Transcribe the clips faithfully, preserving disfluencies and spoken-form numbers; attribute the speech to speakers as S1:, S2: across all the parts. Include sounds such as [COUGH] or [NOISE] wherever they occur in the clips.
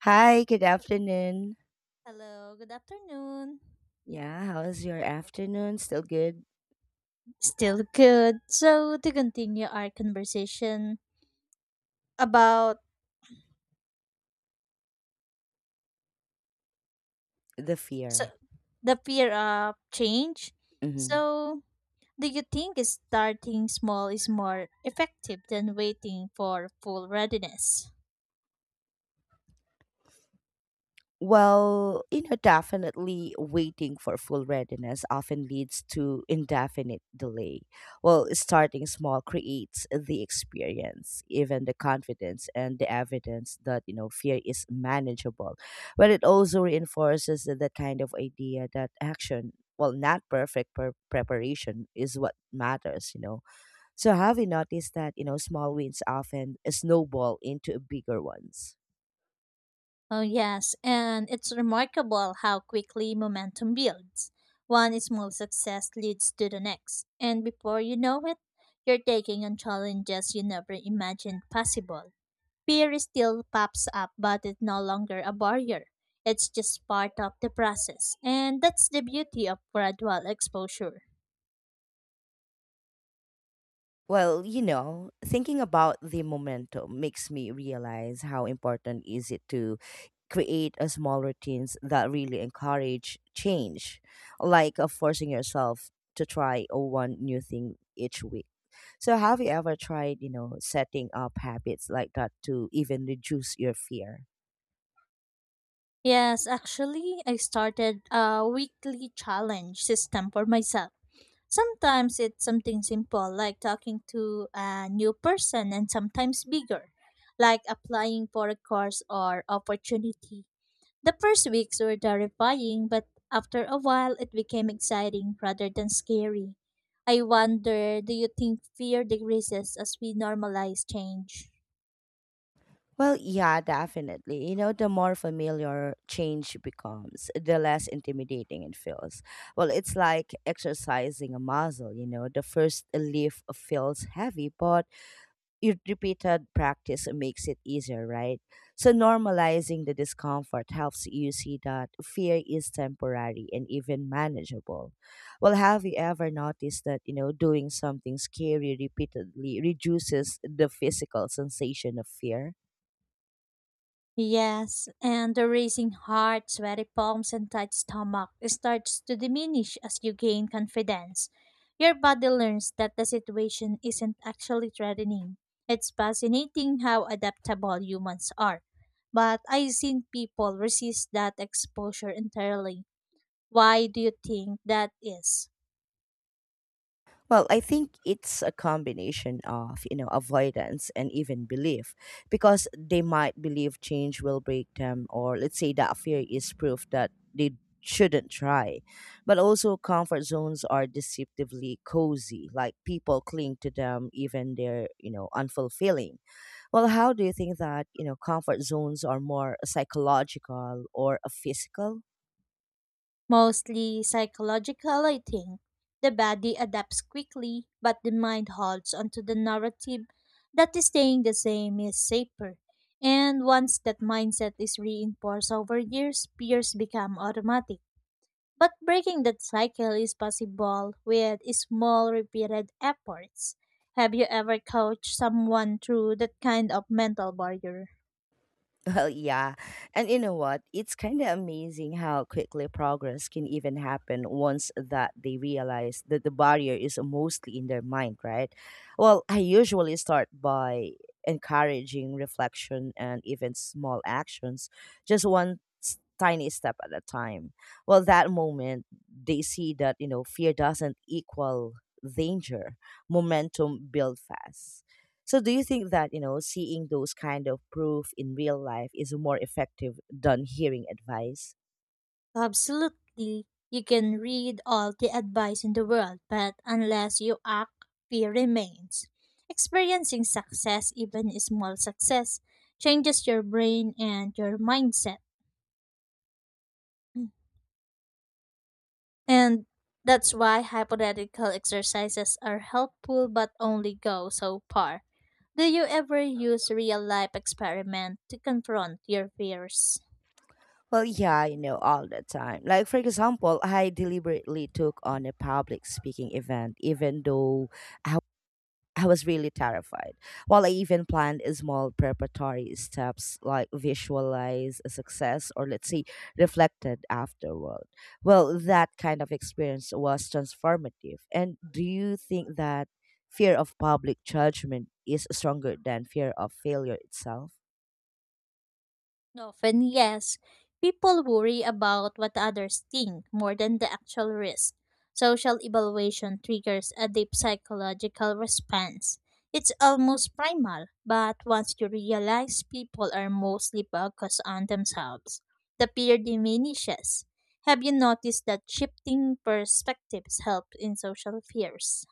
S1: Hi, good afternoon.
S2: Hello, good afternoon.
S1: Yeah, how is your afternoon? Still good?
S2: Still good. So, to continue our conversation about
S1: The
S2: so,
S1: fear.
S2: the fear of change.
S1: hmm
S2: So, do you think starting small is more effective than waiting for full readiness?
S1: Well, you know, definitely waiting for full readiness often leads to indefinite delay. Well, starting small creates the experience, even the confidence and the evidence that, you know, fear is manageable. But it also reinforces the kind of idea that action, well, not perfect pre- preparation is what matters, you know So have you noticed that, you know, small wins often snowball into bigger ones?
S2: Oh, yes, and it's remarkable how quickly momentum builds. One small success leads to the next, and before you know it, you're taking on challenges you never imagined possible. Fear still pops up, but it's no longer a barrier. It's just part of the process. And that's the beauty of gradual exposure.
S1: Well, you know, thinking about the momentum makes me realize how important is it to create a small routines that really encourage change, like uh, forcing yourself to try uh, one new thing each week. So have you ever tried, you know, setting up habits like that to even reduce your fear?
S2: Yes, actually, I started a weekly challenge system for myself. Sometimes it's something simple like talking to a new person, and sometimes bigger, like applying for a course or opportunity. The first weeks were terrifying, but after a while it became exciting rather than scary. I wonder, do you think fear decreases as we normalize change?
S1: Well, yeah, definitely. You know, the more familiar change becomes, the less intimidating it feels. Well, it's like exercising a muscle, you know, the first lift feels heavy, but your repeated practice makes it easier, right? So, normalizing the discomfort helps you see that fear is temporary and even manageable. Well, have you ever noticed that, you know, doing something scary repeatedly reduces the physical sensation of fear?
S2: Yes, and the racing heart, sweaty palms, and tight stomach starts to diminish as you gain confidence. Your body learns that the situation isn't actually threatening. It's fascinating how adaptable humans are, but I've seen people resist that exposure entirely. Why do you think that is?
S1: Well, I think it's a combination of, you know, avoidance and even belief because they might believe change will break them or let's say that fear is proof that they shouldn't try. But also comfort zones are deceptively cozy, like people cling to them even they're, you know, unfulfilling. Well, how do you think that, you know, comfort zones are more psychological or a physical?
S2: Mostly psychological, I think. The body adapts quickly, but the mind holds onto the narrative that is staying the same is safer. And once that mindset is reinforced over years, peers become automatic. But breaking that cycle is possible with small, repeated efforts. Have you ever coached someone through that kind of mental barrier?
S1: [LAUGHS] Well, yeah. And you know what? It's kind of amazing how quickly progress can even happen once that they realize that the barrier is mostly in their mind, right? Well, I usually start by encouraging reflection and even small actions, just one s- tiny step at a time. Well, that moment, they see that, you know, fear doesn't equal danger, momentum build fast. So do you think that, you know, seeing those kind of proof in real life is more effective than hearing advice?
S2: Absolutely. You can read all the advice in the world, but unless you act, fear remains. Experiencing success, even a small success, changes your brain and your mindset. And that's why hypothetical exercises are helpful but only go so far. Do you ever use real life experiment to confront your fears?
S1: Well, yeah, you know, all the time. Like, for example, I deliberately took on a public speaking event, even though I I was really terrified. While I even planned small preparatory steps like visualize a success or let's say reflected afterward. Well, that kind of experience was transformative. And do you think that fear of public judgment is stronger than fear of failure itself?
S2: Often, yes. People worry about what others think more than the actual risk. Social evaluation triggers a deep psychological response. It's almost primal, but once you realize people are mostly focused on themselves, the fear diminishes. Have you noticed that shifting perspectives help in social fears?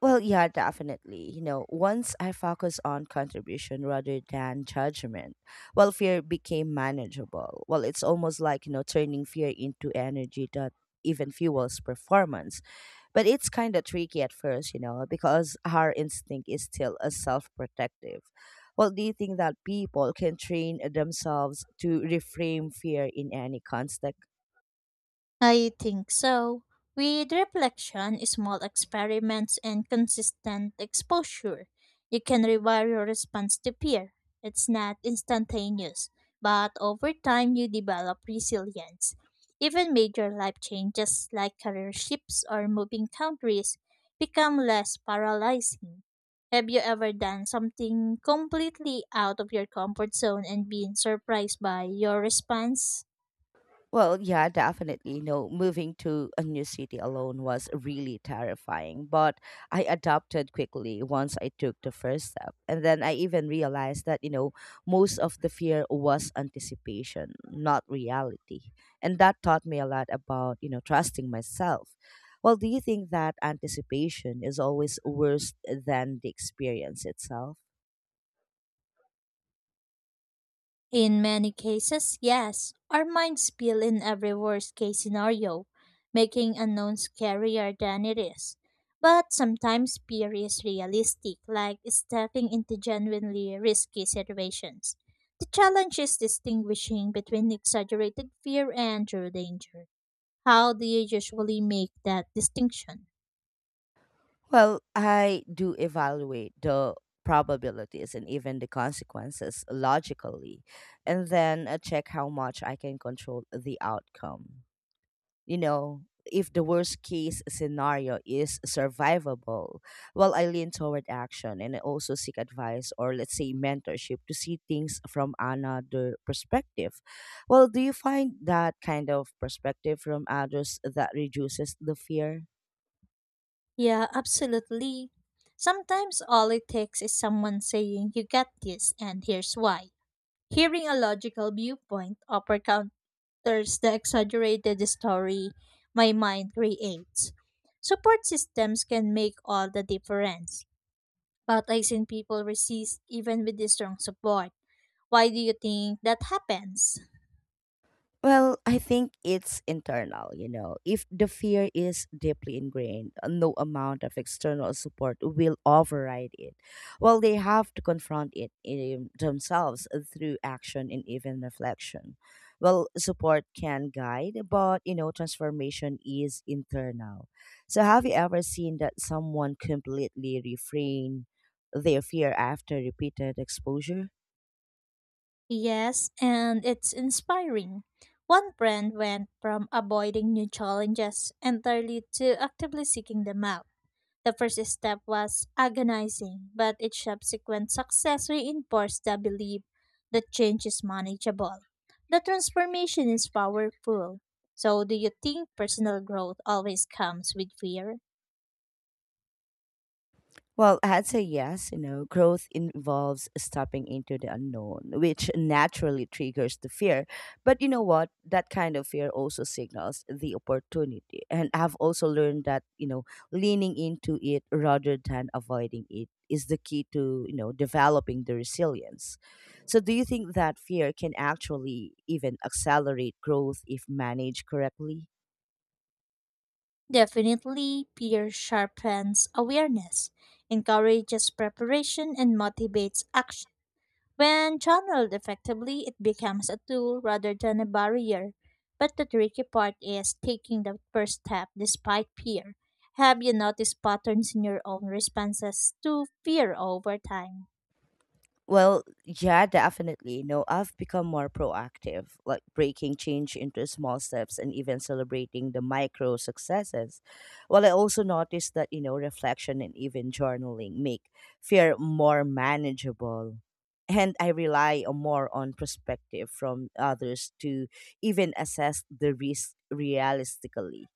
S1: Well, yeah, definitely. You know, once I focus on contribution rather than judgment, well, fear became manageable. Well, it's almost like, you know, turning fear into energy that even fuels performance. But it's kind of tricky at first, you know, because our instinct is still a self protective. Well, do you think that people can train themselves to reframe fear in any context?
S2: I think so. With reflection, small experiments, and consistent exposure, you can rewire your response to fear. It's not instantaneous, but over time you develop resilience. Even major life changes like career shifts or moving countries become less paralyzing. Have you ever done something completely out of your comfort zone and been surprised by your response?
S1: Well, yeah, definitely. No, moving to a new city alone was really terrifying, but I adapted quickly once I took the first step. And then I even realized that, you know, most of the fear was anticipation, not reality. And that taught me a lot about, you know, trusting myself. Well, do you think that anticipation is always worse than the experience itself?
S2: In many cases, yes, our minds spill in every worst case scenario, making unknown scarier than it is. But sometimes fear is realistic, like stepping into genuinely risky situations. The challenge is distinguishing between exaggerated fear and true danger. How do you usually make that distinction?
S1: Well, I do evaluate the probabilities and even the consequences logically, and then uh, check how much I can control the outcome. You know, if the worst case scenario is survivable, well, I lean toward action and I also seek advice or, let's say, mentorship to see things from another perspective. Well, do you find that kind of perspective from others that reduces the fear?
S2: Yeah, absolutely. Sometimes all it takes is someone saying, You got this, and here's why. Hearing a logical viewpoint often counters the exaggerated story my mind creates. Support systems can make all the difference, but I've seen people resist even with the strong support. Why do you think that happens?
S1: Well, I think it's internal, you know. If the fear is deeply ingrained, uh, no amount of external support will override it. Well, they have to confront it in themselves through action and even reflection. Well, support can guide, but, you know, transformation is internal. So, have you ever seen that someone completely refrain their fear after repeated exposure?
S2: Yes, and it's inspiring. One friend went from avoiding new challenges entirely to actively seeking them out. The first step was agonizing, but its subsequent success reinforced the belief that change is manageable. The transformation is powerful. So, do you think personal growth always comes with fear?
S1: Well, I'd say yes. You know, growth involves stepping into the unknown, which naturally triggers the fear. But you know what? That kind of fear also signals the opportunity. And I've also learned that, you know, leaning into it rather than avoiding it is the key to, you know, developing the resilience. So, do you think that fear can actually even accelerate growth if managed correctly?
S2: Definitely, fear sharpens awareness, encourages preparation, and motivates action. When channeled effectively, it becomes a tool rather than a barrier. But the tricky part is taking the first step despite fear. Have you noticed patterns in your own responses to fear over time?
S1: Well, yeah, definitely. No, I've become more proactive, like breaking change into small steps and even celebrating the micro successes. Well, I also noticed that, you know, reflection and even journaling make fear more manageable. And I rely on more on perspective from others to even assess the risk realistically.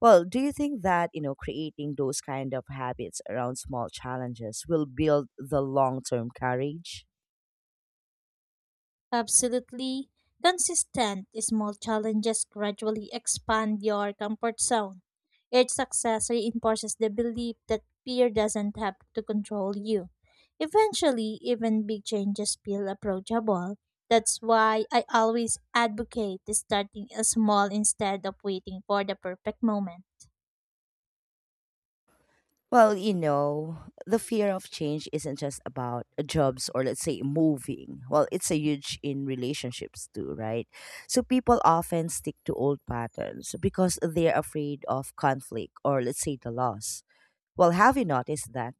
S1: Well, do you think that, you know, creating those kind of habits around small challenges will build the long-term courage?
S2: Absolutely. Consistent small challenges gradually expand your comfort zone. Each success reinforces the belief that fear doesn't have to control you. Eventually, even big changes feel approachable. That's why I always advocate starting small instead of waiting for the perfect moment.
S1: Well, you know, the fear of change isn't just about jobs or let's say moving. Well, it's a huge in relationships too, right? So people often stick to old patterns because they're afraid of conflict or let's say the loss. Well, have you noticed that?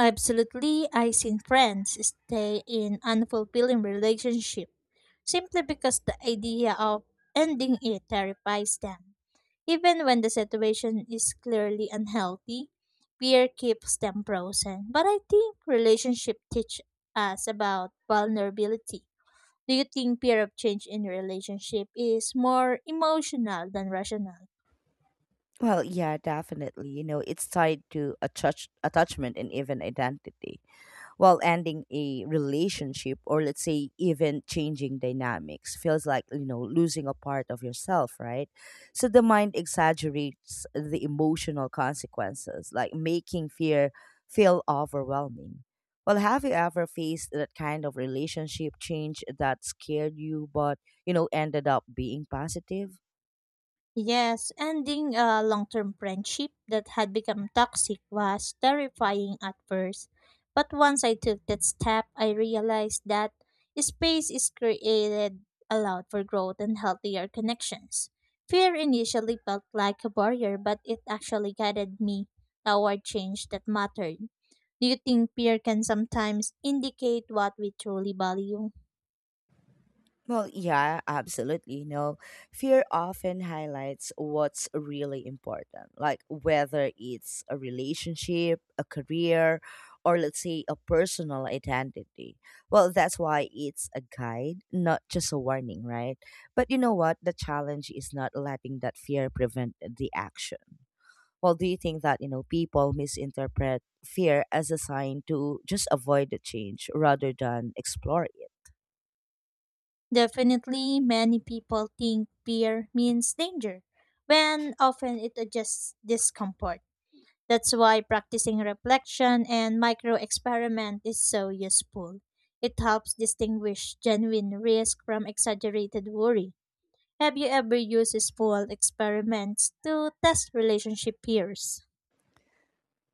S2: Absolutely, I've seen friends stay in unfulfilling relationship simply because the idea of ending it terrifies them. Even when the situation is clearly unhealthy, fear keeps them frozen. But I think relationship teach us about vulnerability. Do you think fear of change in relationship is more emotional than rational?
S1: Well, yeah, definitely. You know, it's tied to attach- attachment and even identity. While ending a relationship or let's say even changing dynamics feels like, you know, losing a part of yourself, right? So the mind exaggerates the emotional consequences, like making fear feel overwhelming. Well, have you ever faced that kind of relationship change that scared you but, you know, ended up being positive?
S2: Yes, ending a long term friendship that had become toxic was terrifying at first. But once I took that step, I realized that space is created allowed for growth and healthier connections. Fear initially felt like a barrier, but it actually guided me toward change that mattered. Do you think fear can sometimes indicate what we truly value?
S1: Well, yeah, absolutely. You know, fear often highlights what's really important, like whether it's a relationship, a career, or let's say a personal identity. Well, that's why it's a guide, not just a warning, right? But you know what? The challenge is not letting that fear prevent the action. Well, do you think that, you know, people misinterpret fear as a sign to just avoid the change rather than explore it?
S2: Definitely, many people think fear means danger, when often it is just discomfort. That's why practicing reflection and micro experiment is so useful. It helps distinguish genuine risk from exaggerated worry. Have you ever used small experiments to test relationship peers?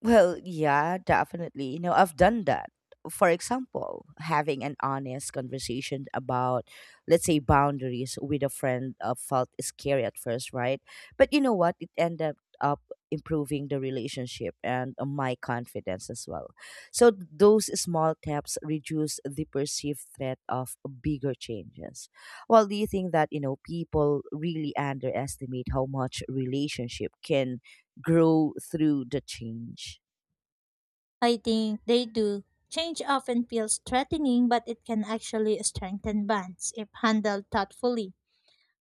S1: Well, yeah, definitely. You know, I've done that. For example, having an honest conversation about, let's say, boundaries with a friend uh, felt scary at first, right? But you know what? It ended up improving the relationship and uh, my confidence as well. So those small steps reduce the perceived threat of bigger changes. Well, do you think that, you know, people really underestimate how much relationship can grow through the change?
S2: I think they do. Change often feels threatening, but it can actually strengthen bonds if handled thoughtfully.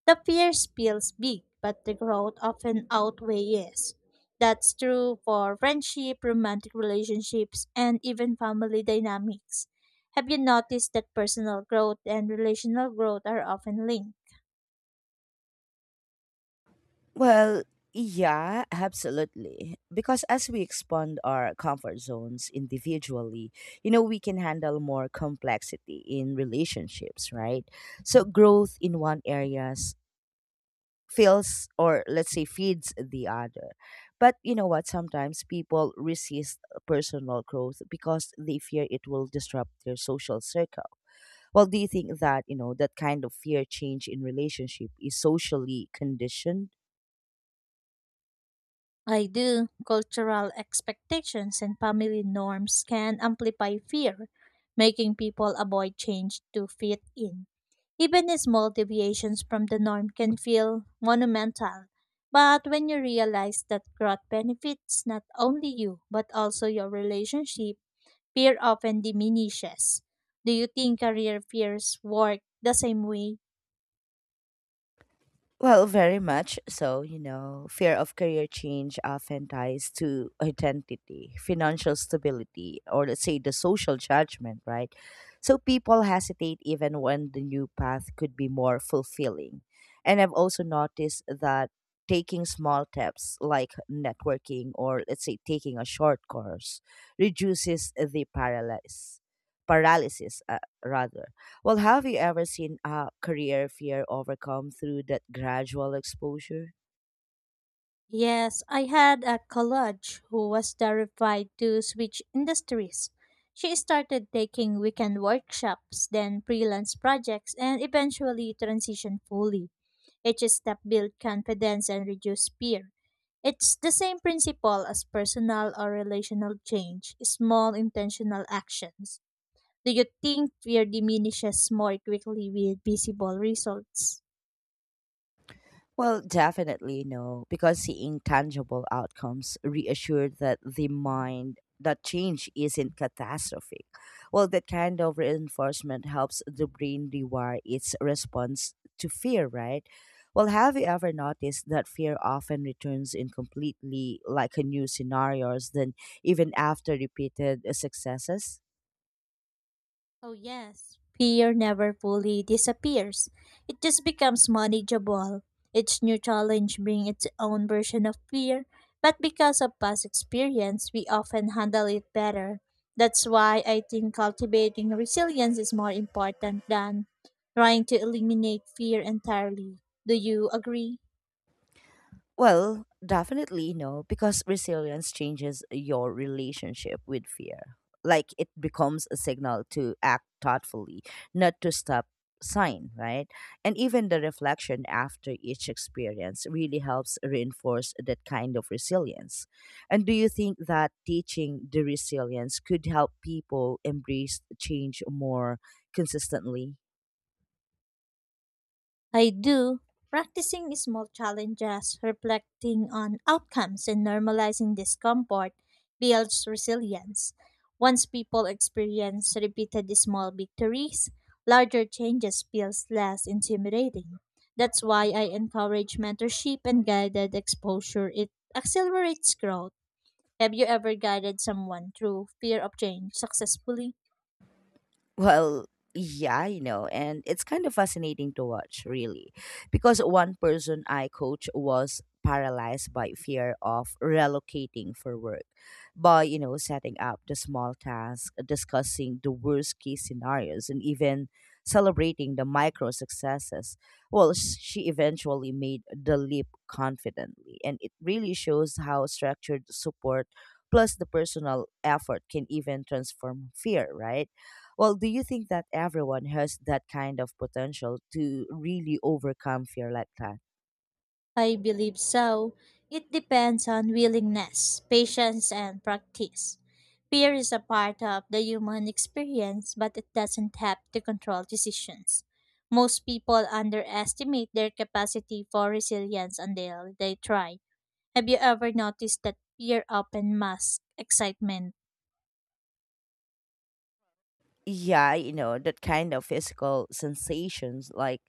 S2: The fear feels big, but the growth often outweighs. That's true for friendship, romantic relationships, and even family dynamics. Have you noticed that personal growth and relational growth are often linked?
S1: Well, yeah, absolutely. Because as we expand our comfort zones individually, you know, we can handle more complexity in relationships, right? So growth in one area feels or let's say feeds the other. But you know what, sometimes people resist personal growth because they fear it will disrupt their social circle. Well, do you think that, you know, that kind of fear change in relationship is socially conditioned?
S2: I do. Cultural expectations and family norms can amplify fear, making people avoid change to fit in. Even small deviations from the norm can feel monumental. But when you realize that growth benefits not only you, but also your relationship, fear often diminishes. Do you think career fears work the same way?
S1: Well, very much so, you know, fear of career change often ties to identity, financial stability, or let's say the social judgment, right? So people hesitate even when the new path could be more fulfilling. And I've also noticed that taking small steps like networking or let's say taking a short course reduces the paralysis paralysis uh, rather. Well, have you ever seen a career fear overcome through that gradual exposure?
S2: Yes, I had a college who was terrified to switch industries. She started taking weekend workshops, then freelance projects, and eventually transitioned fully. Each step builds confidence and reduces fear. It's the same principle as personal or relational change, small intentional actions. Do you think fear diminishes more quickly with visible results?
S1: Well, definitely no, because seeing tangible outcomes reassured that the mind that change isn't catastrophic. Well, that kind of reinforcement helps the brain rewire its response to fear, right? Well, have you ever noticed that fear often returns in completely like a new scenarios than even after repeated successes?
S2: Oh, yes. Fear never fully disappears. It just becomes manageable. Each new challenge brings its own version of fear, but because of past experience, we often handle it better. That's why I think cultivating resilience is more important than trying to eliminate fear entirely. Do you agree?
S1: Well, definitely no, because resilience changes your relationship with fear. Like it becomes a signal to act thoughtfully, not to stop sign, right? And even the reflection after each experience really helps reinforce that kind of resilience. And do you think that teaching the resilience could help people embrace change more consistently?
S2: I do. Practicing small challenges, reflecting on outcomes, and normalizing discomfort builds resilience. Once people experience repeated small victories, larger changes feels less intimidating. That's why I encourage mentorship and guided exposure. It accelerates growth. Have you ever guided someone through fear of change successfully?
S1: Well, yeah, you know, and it's kind of fascinating to watch, really, because one person I coach was paralyzed by fear of relocating for work by, you know, setting up the small tasks, discussing the worst case scenarios, and even celebrating the micro successes. Well, s- she eventually made the leap confidently, and it really shows how structured support plus the personal effort can even transform fear, right? Well, do you think that everyone has that kind of potential to really overcome fear like that?
S2: I believe so. It depends on willingness, patience, and practice. Fear is a part of the human experience, but it doesn't have to control decisions. Most people underestimate their capacity for resilience until they try. Have you ever noticed that fear often masks excitement?
S1: Yeah, you know, that kind of physical sensations like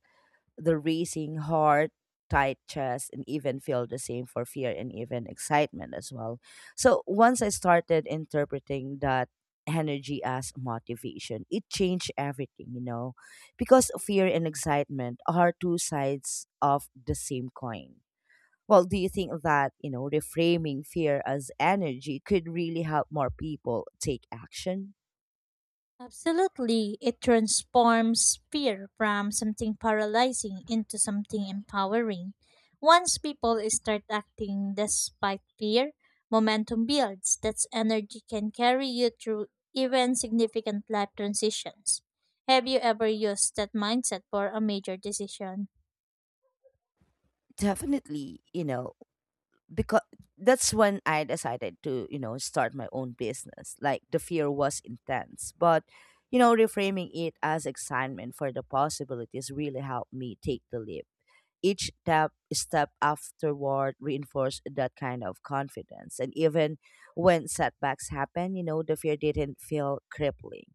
S1: the racing heart, tight chest, and even feel the same for fear and even excitement as well. So once I started interpreting that energy as motivation, it changed everything, you know, because fear and excitement are two sides of the same coin. Well, do you think that, you know, reframing fear as energy could really help more people take action?
S2: Absolutely, it transforms fear from something paralyzing into something empowering. Once people start acting despite fear, momentum builds. That energy can carry you through even significant life transitions. Have you ever used that mindset for a major decision?
S1: Definitely, you know, because that's when I decided to, you know, start my own business. Like the fear was intense, but you know, reframing it as excitement for the possibilities really helped me take the leap. Each step step afterward reinforced that kind of confidence. And even when setbacks happen, you know, the fear didn't feel crippling.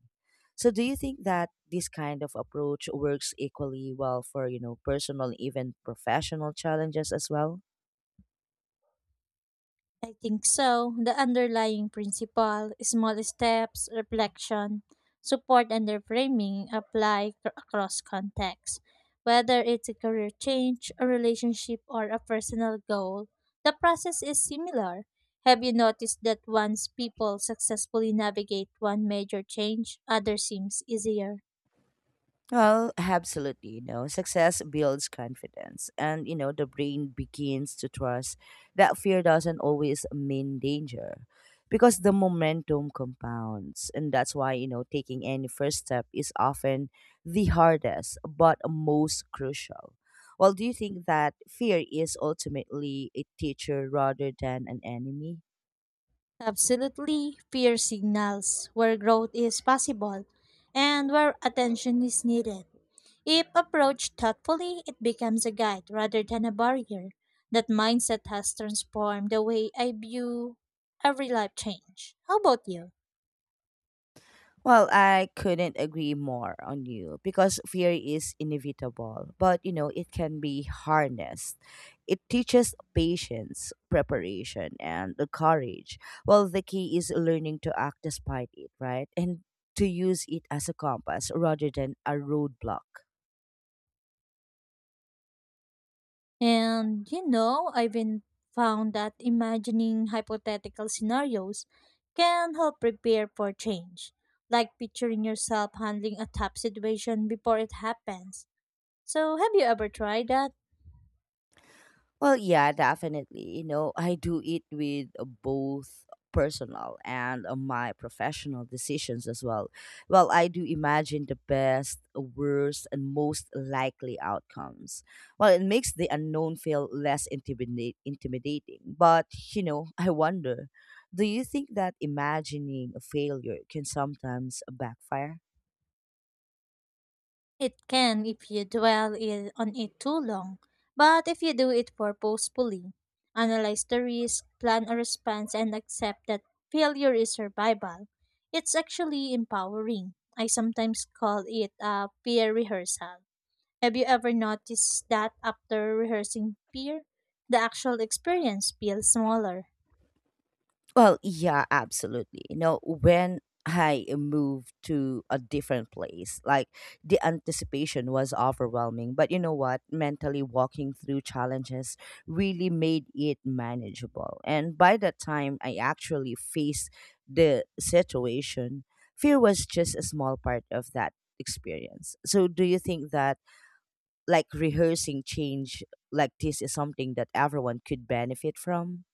S1: So do you think that this kind of approach works equally well for, you know, personal, even professional challenges as well?
S2: I think so. The underlying principle, small steps, reflection, support, and reframing apply c- across contexts. Whether it's a career change, a relationship, or a personal goal, the process is similar. Have you noticed that once people successfully navigate one major change, others seems easier?
S1: Well, absolutely. You know, success builds confidence, and, you know, the brain begins to trust that fear doesn't always mean danger, because the momentum compounds. And that's why, you know, taking any first step is often the hardest but most crucial. Well, do you think that fear is ultimately a teacher rather than an enemy?
S2: Absolutely, fear signals where growth is possible and where attention is needed. If approached thoughtfully, it becomes a guide rather than a barrier. That mindset has transformed the way I view every life change. How about you?
S1: Well, I couldn't agree more on you, because fear is inevitable, but, you know, it can be harnessed. It teaches patience, preparation, and the courage. Well, the key is learning to act despite it, right? And to use it as a compass rather than a roadblock.
S2: And you know, I've been found that imagining hypothetical scenarios can help prepare for change, like picturing yourself handling a tough situation before it happens. So, have you ever tried that?
S1: Well, yeah, definitely. You know, I do it with uh, both personal and uh, my professional decisions as well. Well, I do imagine the best, uh, worst, and most likely outcomes. Well, it makes the unknown feel less intimidate- intimidating. But, you know, [LAUGHS] I wonder, do you think that imagining a failure can sometimes backfire?
S2: It can if you dwell i- on it too long, but if you do it purposefully, analyze the risk, plan a response, and accept that failure is survival, it's actually empowering. I sometimes call it a peer rehearsal. Have you ever noticed that after rehearsing peer, the actual experience feels smaller?
S1: Well, yeah, absolutely. You know, when I moved to a different place, like, the anticipation was overwhelming. But you know what? Mentally walking through challenges really made it manageable. And by the time I actually faced the situation, fear was just a small part of that experience. So, do you think that like rehearsing change like this is something that everyone could benefit from?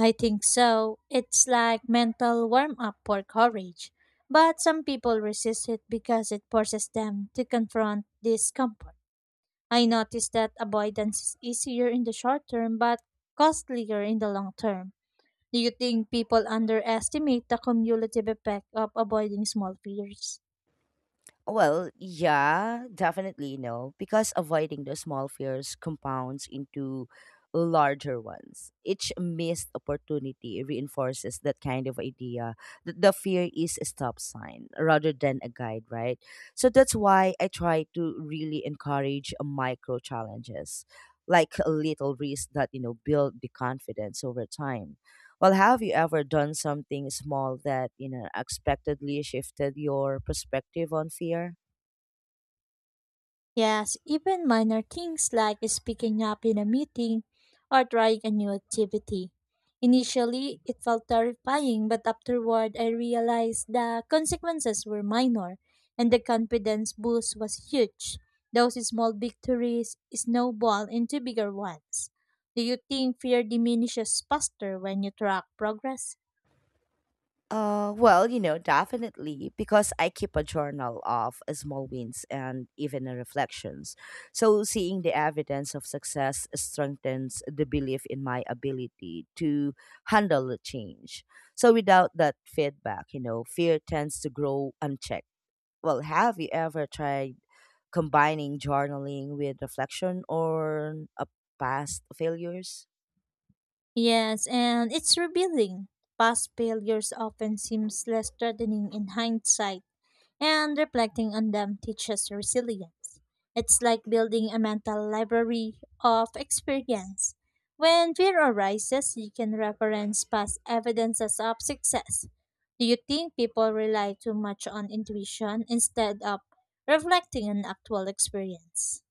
S2: I think so. It's like mental warm up for courage. But some people resist it because it forces them to confront discomfort. I noticed that avoidance is easier in the short term but costlier in the long term. Do you think people underestimate the cumulative effect of avoiding small fears?
S1: Well, yeah, definitely no, because avoiding the small fears compounds into larger ones. Each missed opportunity reinforces that kind of idea that the fear is a stop sign rather than a guide, right? So that's why I try to really encourage micro challenges, like a little risk that, you know, build the confidence over time. Well, have you ever done something small that, you know, unexpectedly shifted your perspective on fear?
S2: Yes, even minor things like speaking up in a meeting or trying a new activity. Initially, it felt terrifying, but afterward, I realized the consequences were minor and the confidence boost was huge. Those small victories snowball into bigger ones. Do you think fear diminishes faster when you track progress?
S1: Uh, well, you know, definitely, because I keep a journal of uh, small wins and even uh, reflections. So seeing the evidence of success strengthens the belief in my ability to handle the change. So without that feedback, you know, fear tends to grow unchecked. Well, have you ever tried combining journaling with reflection or a past failures?
S2: Yes, and it's revealing. Past failures often seems less threatening in hindsight and reflecting on them teaches resilience. It's like building a mental library of experience. When fear arises, you can reference past evidences of success. Do you think people rely too much on intuition instead of reflecting on actual experience?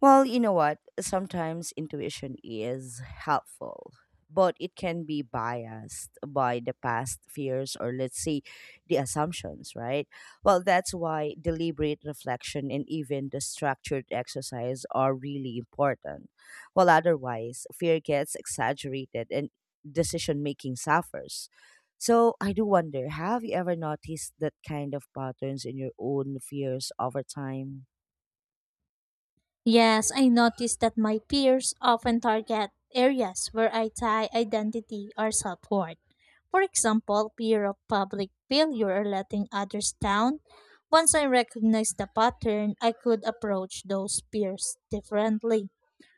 S1: Well, you know what? Sometimes intuition is helpful, but it can be biased by the past fears or, let's say, the assumptions, right? Well, that's why deliberate reflection and even the structured exercise are really important. Well, otherwise, fear gets exaggerated and decision making suffers. So, I do wonder, have you ever noticed that kind of patterns in your own fears over time?
S2: Yes, I noticed that my peers often target areas where I tie identity or self worth. For example, fear of public failure or letting others down. Once I recognized the pattern, I could approach those peers differently,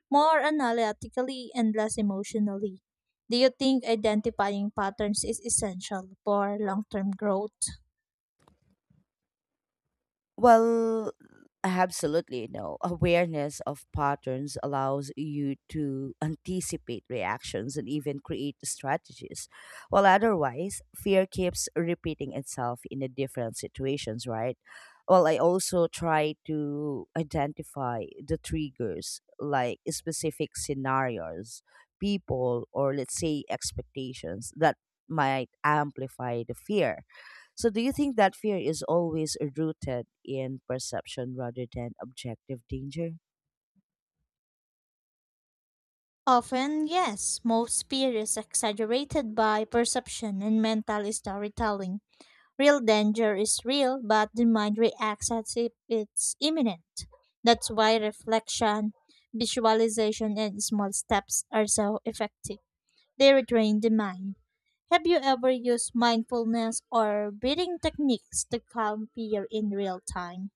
S2: more analytically and less emotionally. Do you think identifying patterns is essential for long term growth?
S1: Well, absolutely no. Awareness of patterns allows you to anticipate reactions and even create strategies. While otherwise, fear keeps repeating itself in the different situations, right? Well, I also try to identify the triggers, like specific scenarios, people, or let's say expectations that might amplify the fear. So, do you think that fear is always rooted in perception rather than objective danger?
S2: Often, yes, most fear is exaggerated by perception and mental storytelling. Real danger is real, but the mind reacts as if it's imminent. That's why reflection, visualization, and small steps are so effective. They retrain the mind. Have you ever used mindfulness or breathing techniques to calm fear in real time?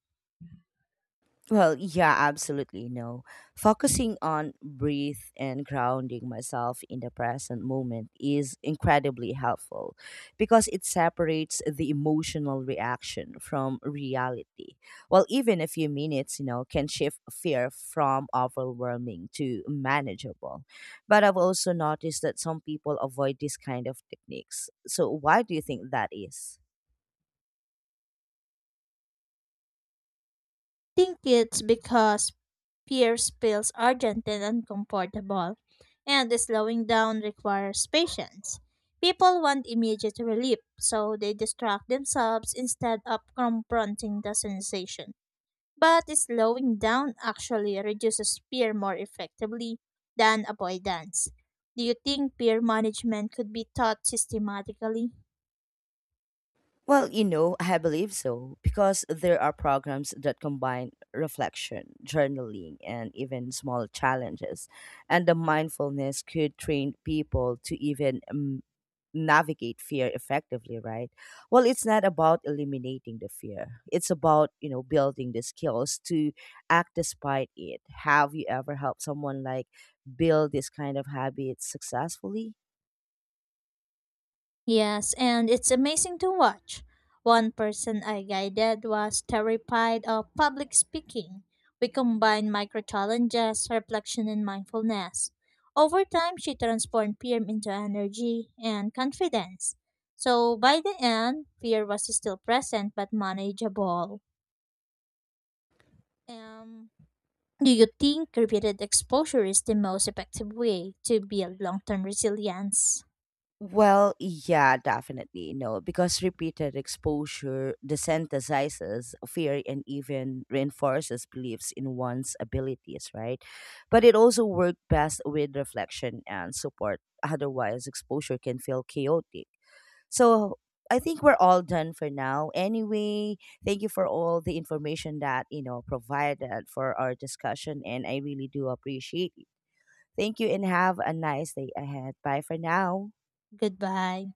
S1: Well, yeah, absolutely no. Focusing on breathe and grounding myself in the present moment is incredibly helpful, because it separates the emotional reaction from reality. Well, even a few minutes, you know, can shift fear from overwhelming to manageable. But I've also noticed that some people avoid this kind of techniques. So, why do you think that is?
S2: Think it's because Pierce feels urgent and uncomfortable, and slowing down requires patience. People want immediate relief, so they distract themselves instead of confronting the sensation. But slowing down actually reduces fear more effectively than avoidance. Do you think peer management could be taught systematically?
S1: Well, you know, I believe so, because there are programs that combine reflection, journaling, and even small challenges. And the mindfulness could train people to even um, navigate fear effectively, right? Well, it's not about eliminating the fear. It's about, you know, building the skills to act despite it. Have you ever helped someone like build this kind of habit successfully?
S2: Yes, and it's amazing to watch. One person I guided was terrified of public speaking. We combined micro challenges, reflection, and mindfulness. Over time, she transformed fear into energy and confidence. So by the end, fear was still present but manageable. Um, do you think repeated exposure is the most effective way to build long term resilience?
S1: Well, yeah, definitely. No, because repeated exposure desensitizes fear and even reinforces beliefs in one's abilities, right? But it also works best with reflection and support. Otherwise, exposure can feel chaotic. So I think we're all done for now. Anyway, thank you for all the information that, you know, provided for our discussion. And I really do appreciate it. Thank you and have a nice day ahead. Bye for now.
S2: Goodbye.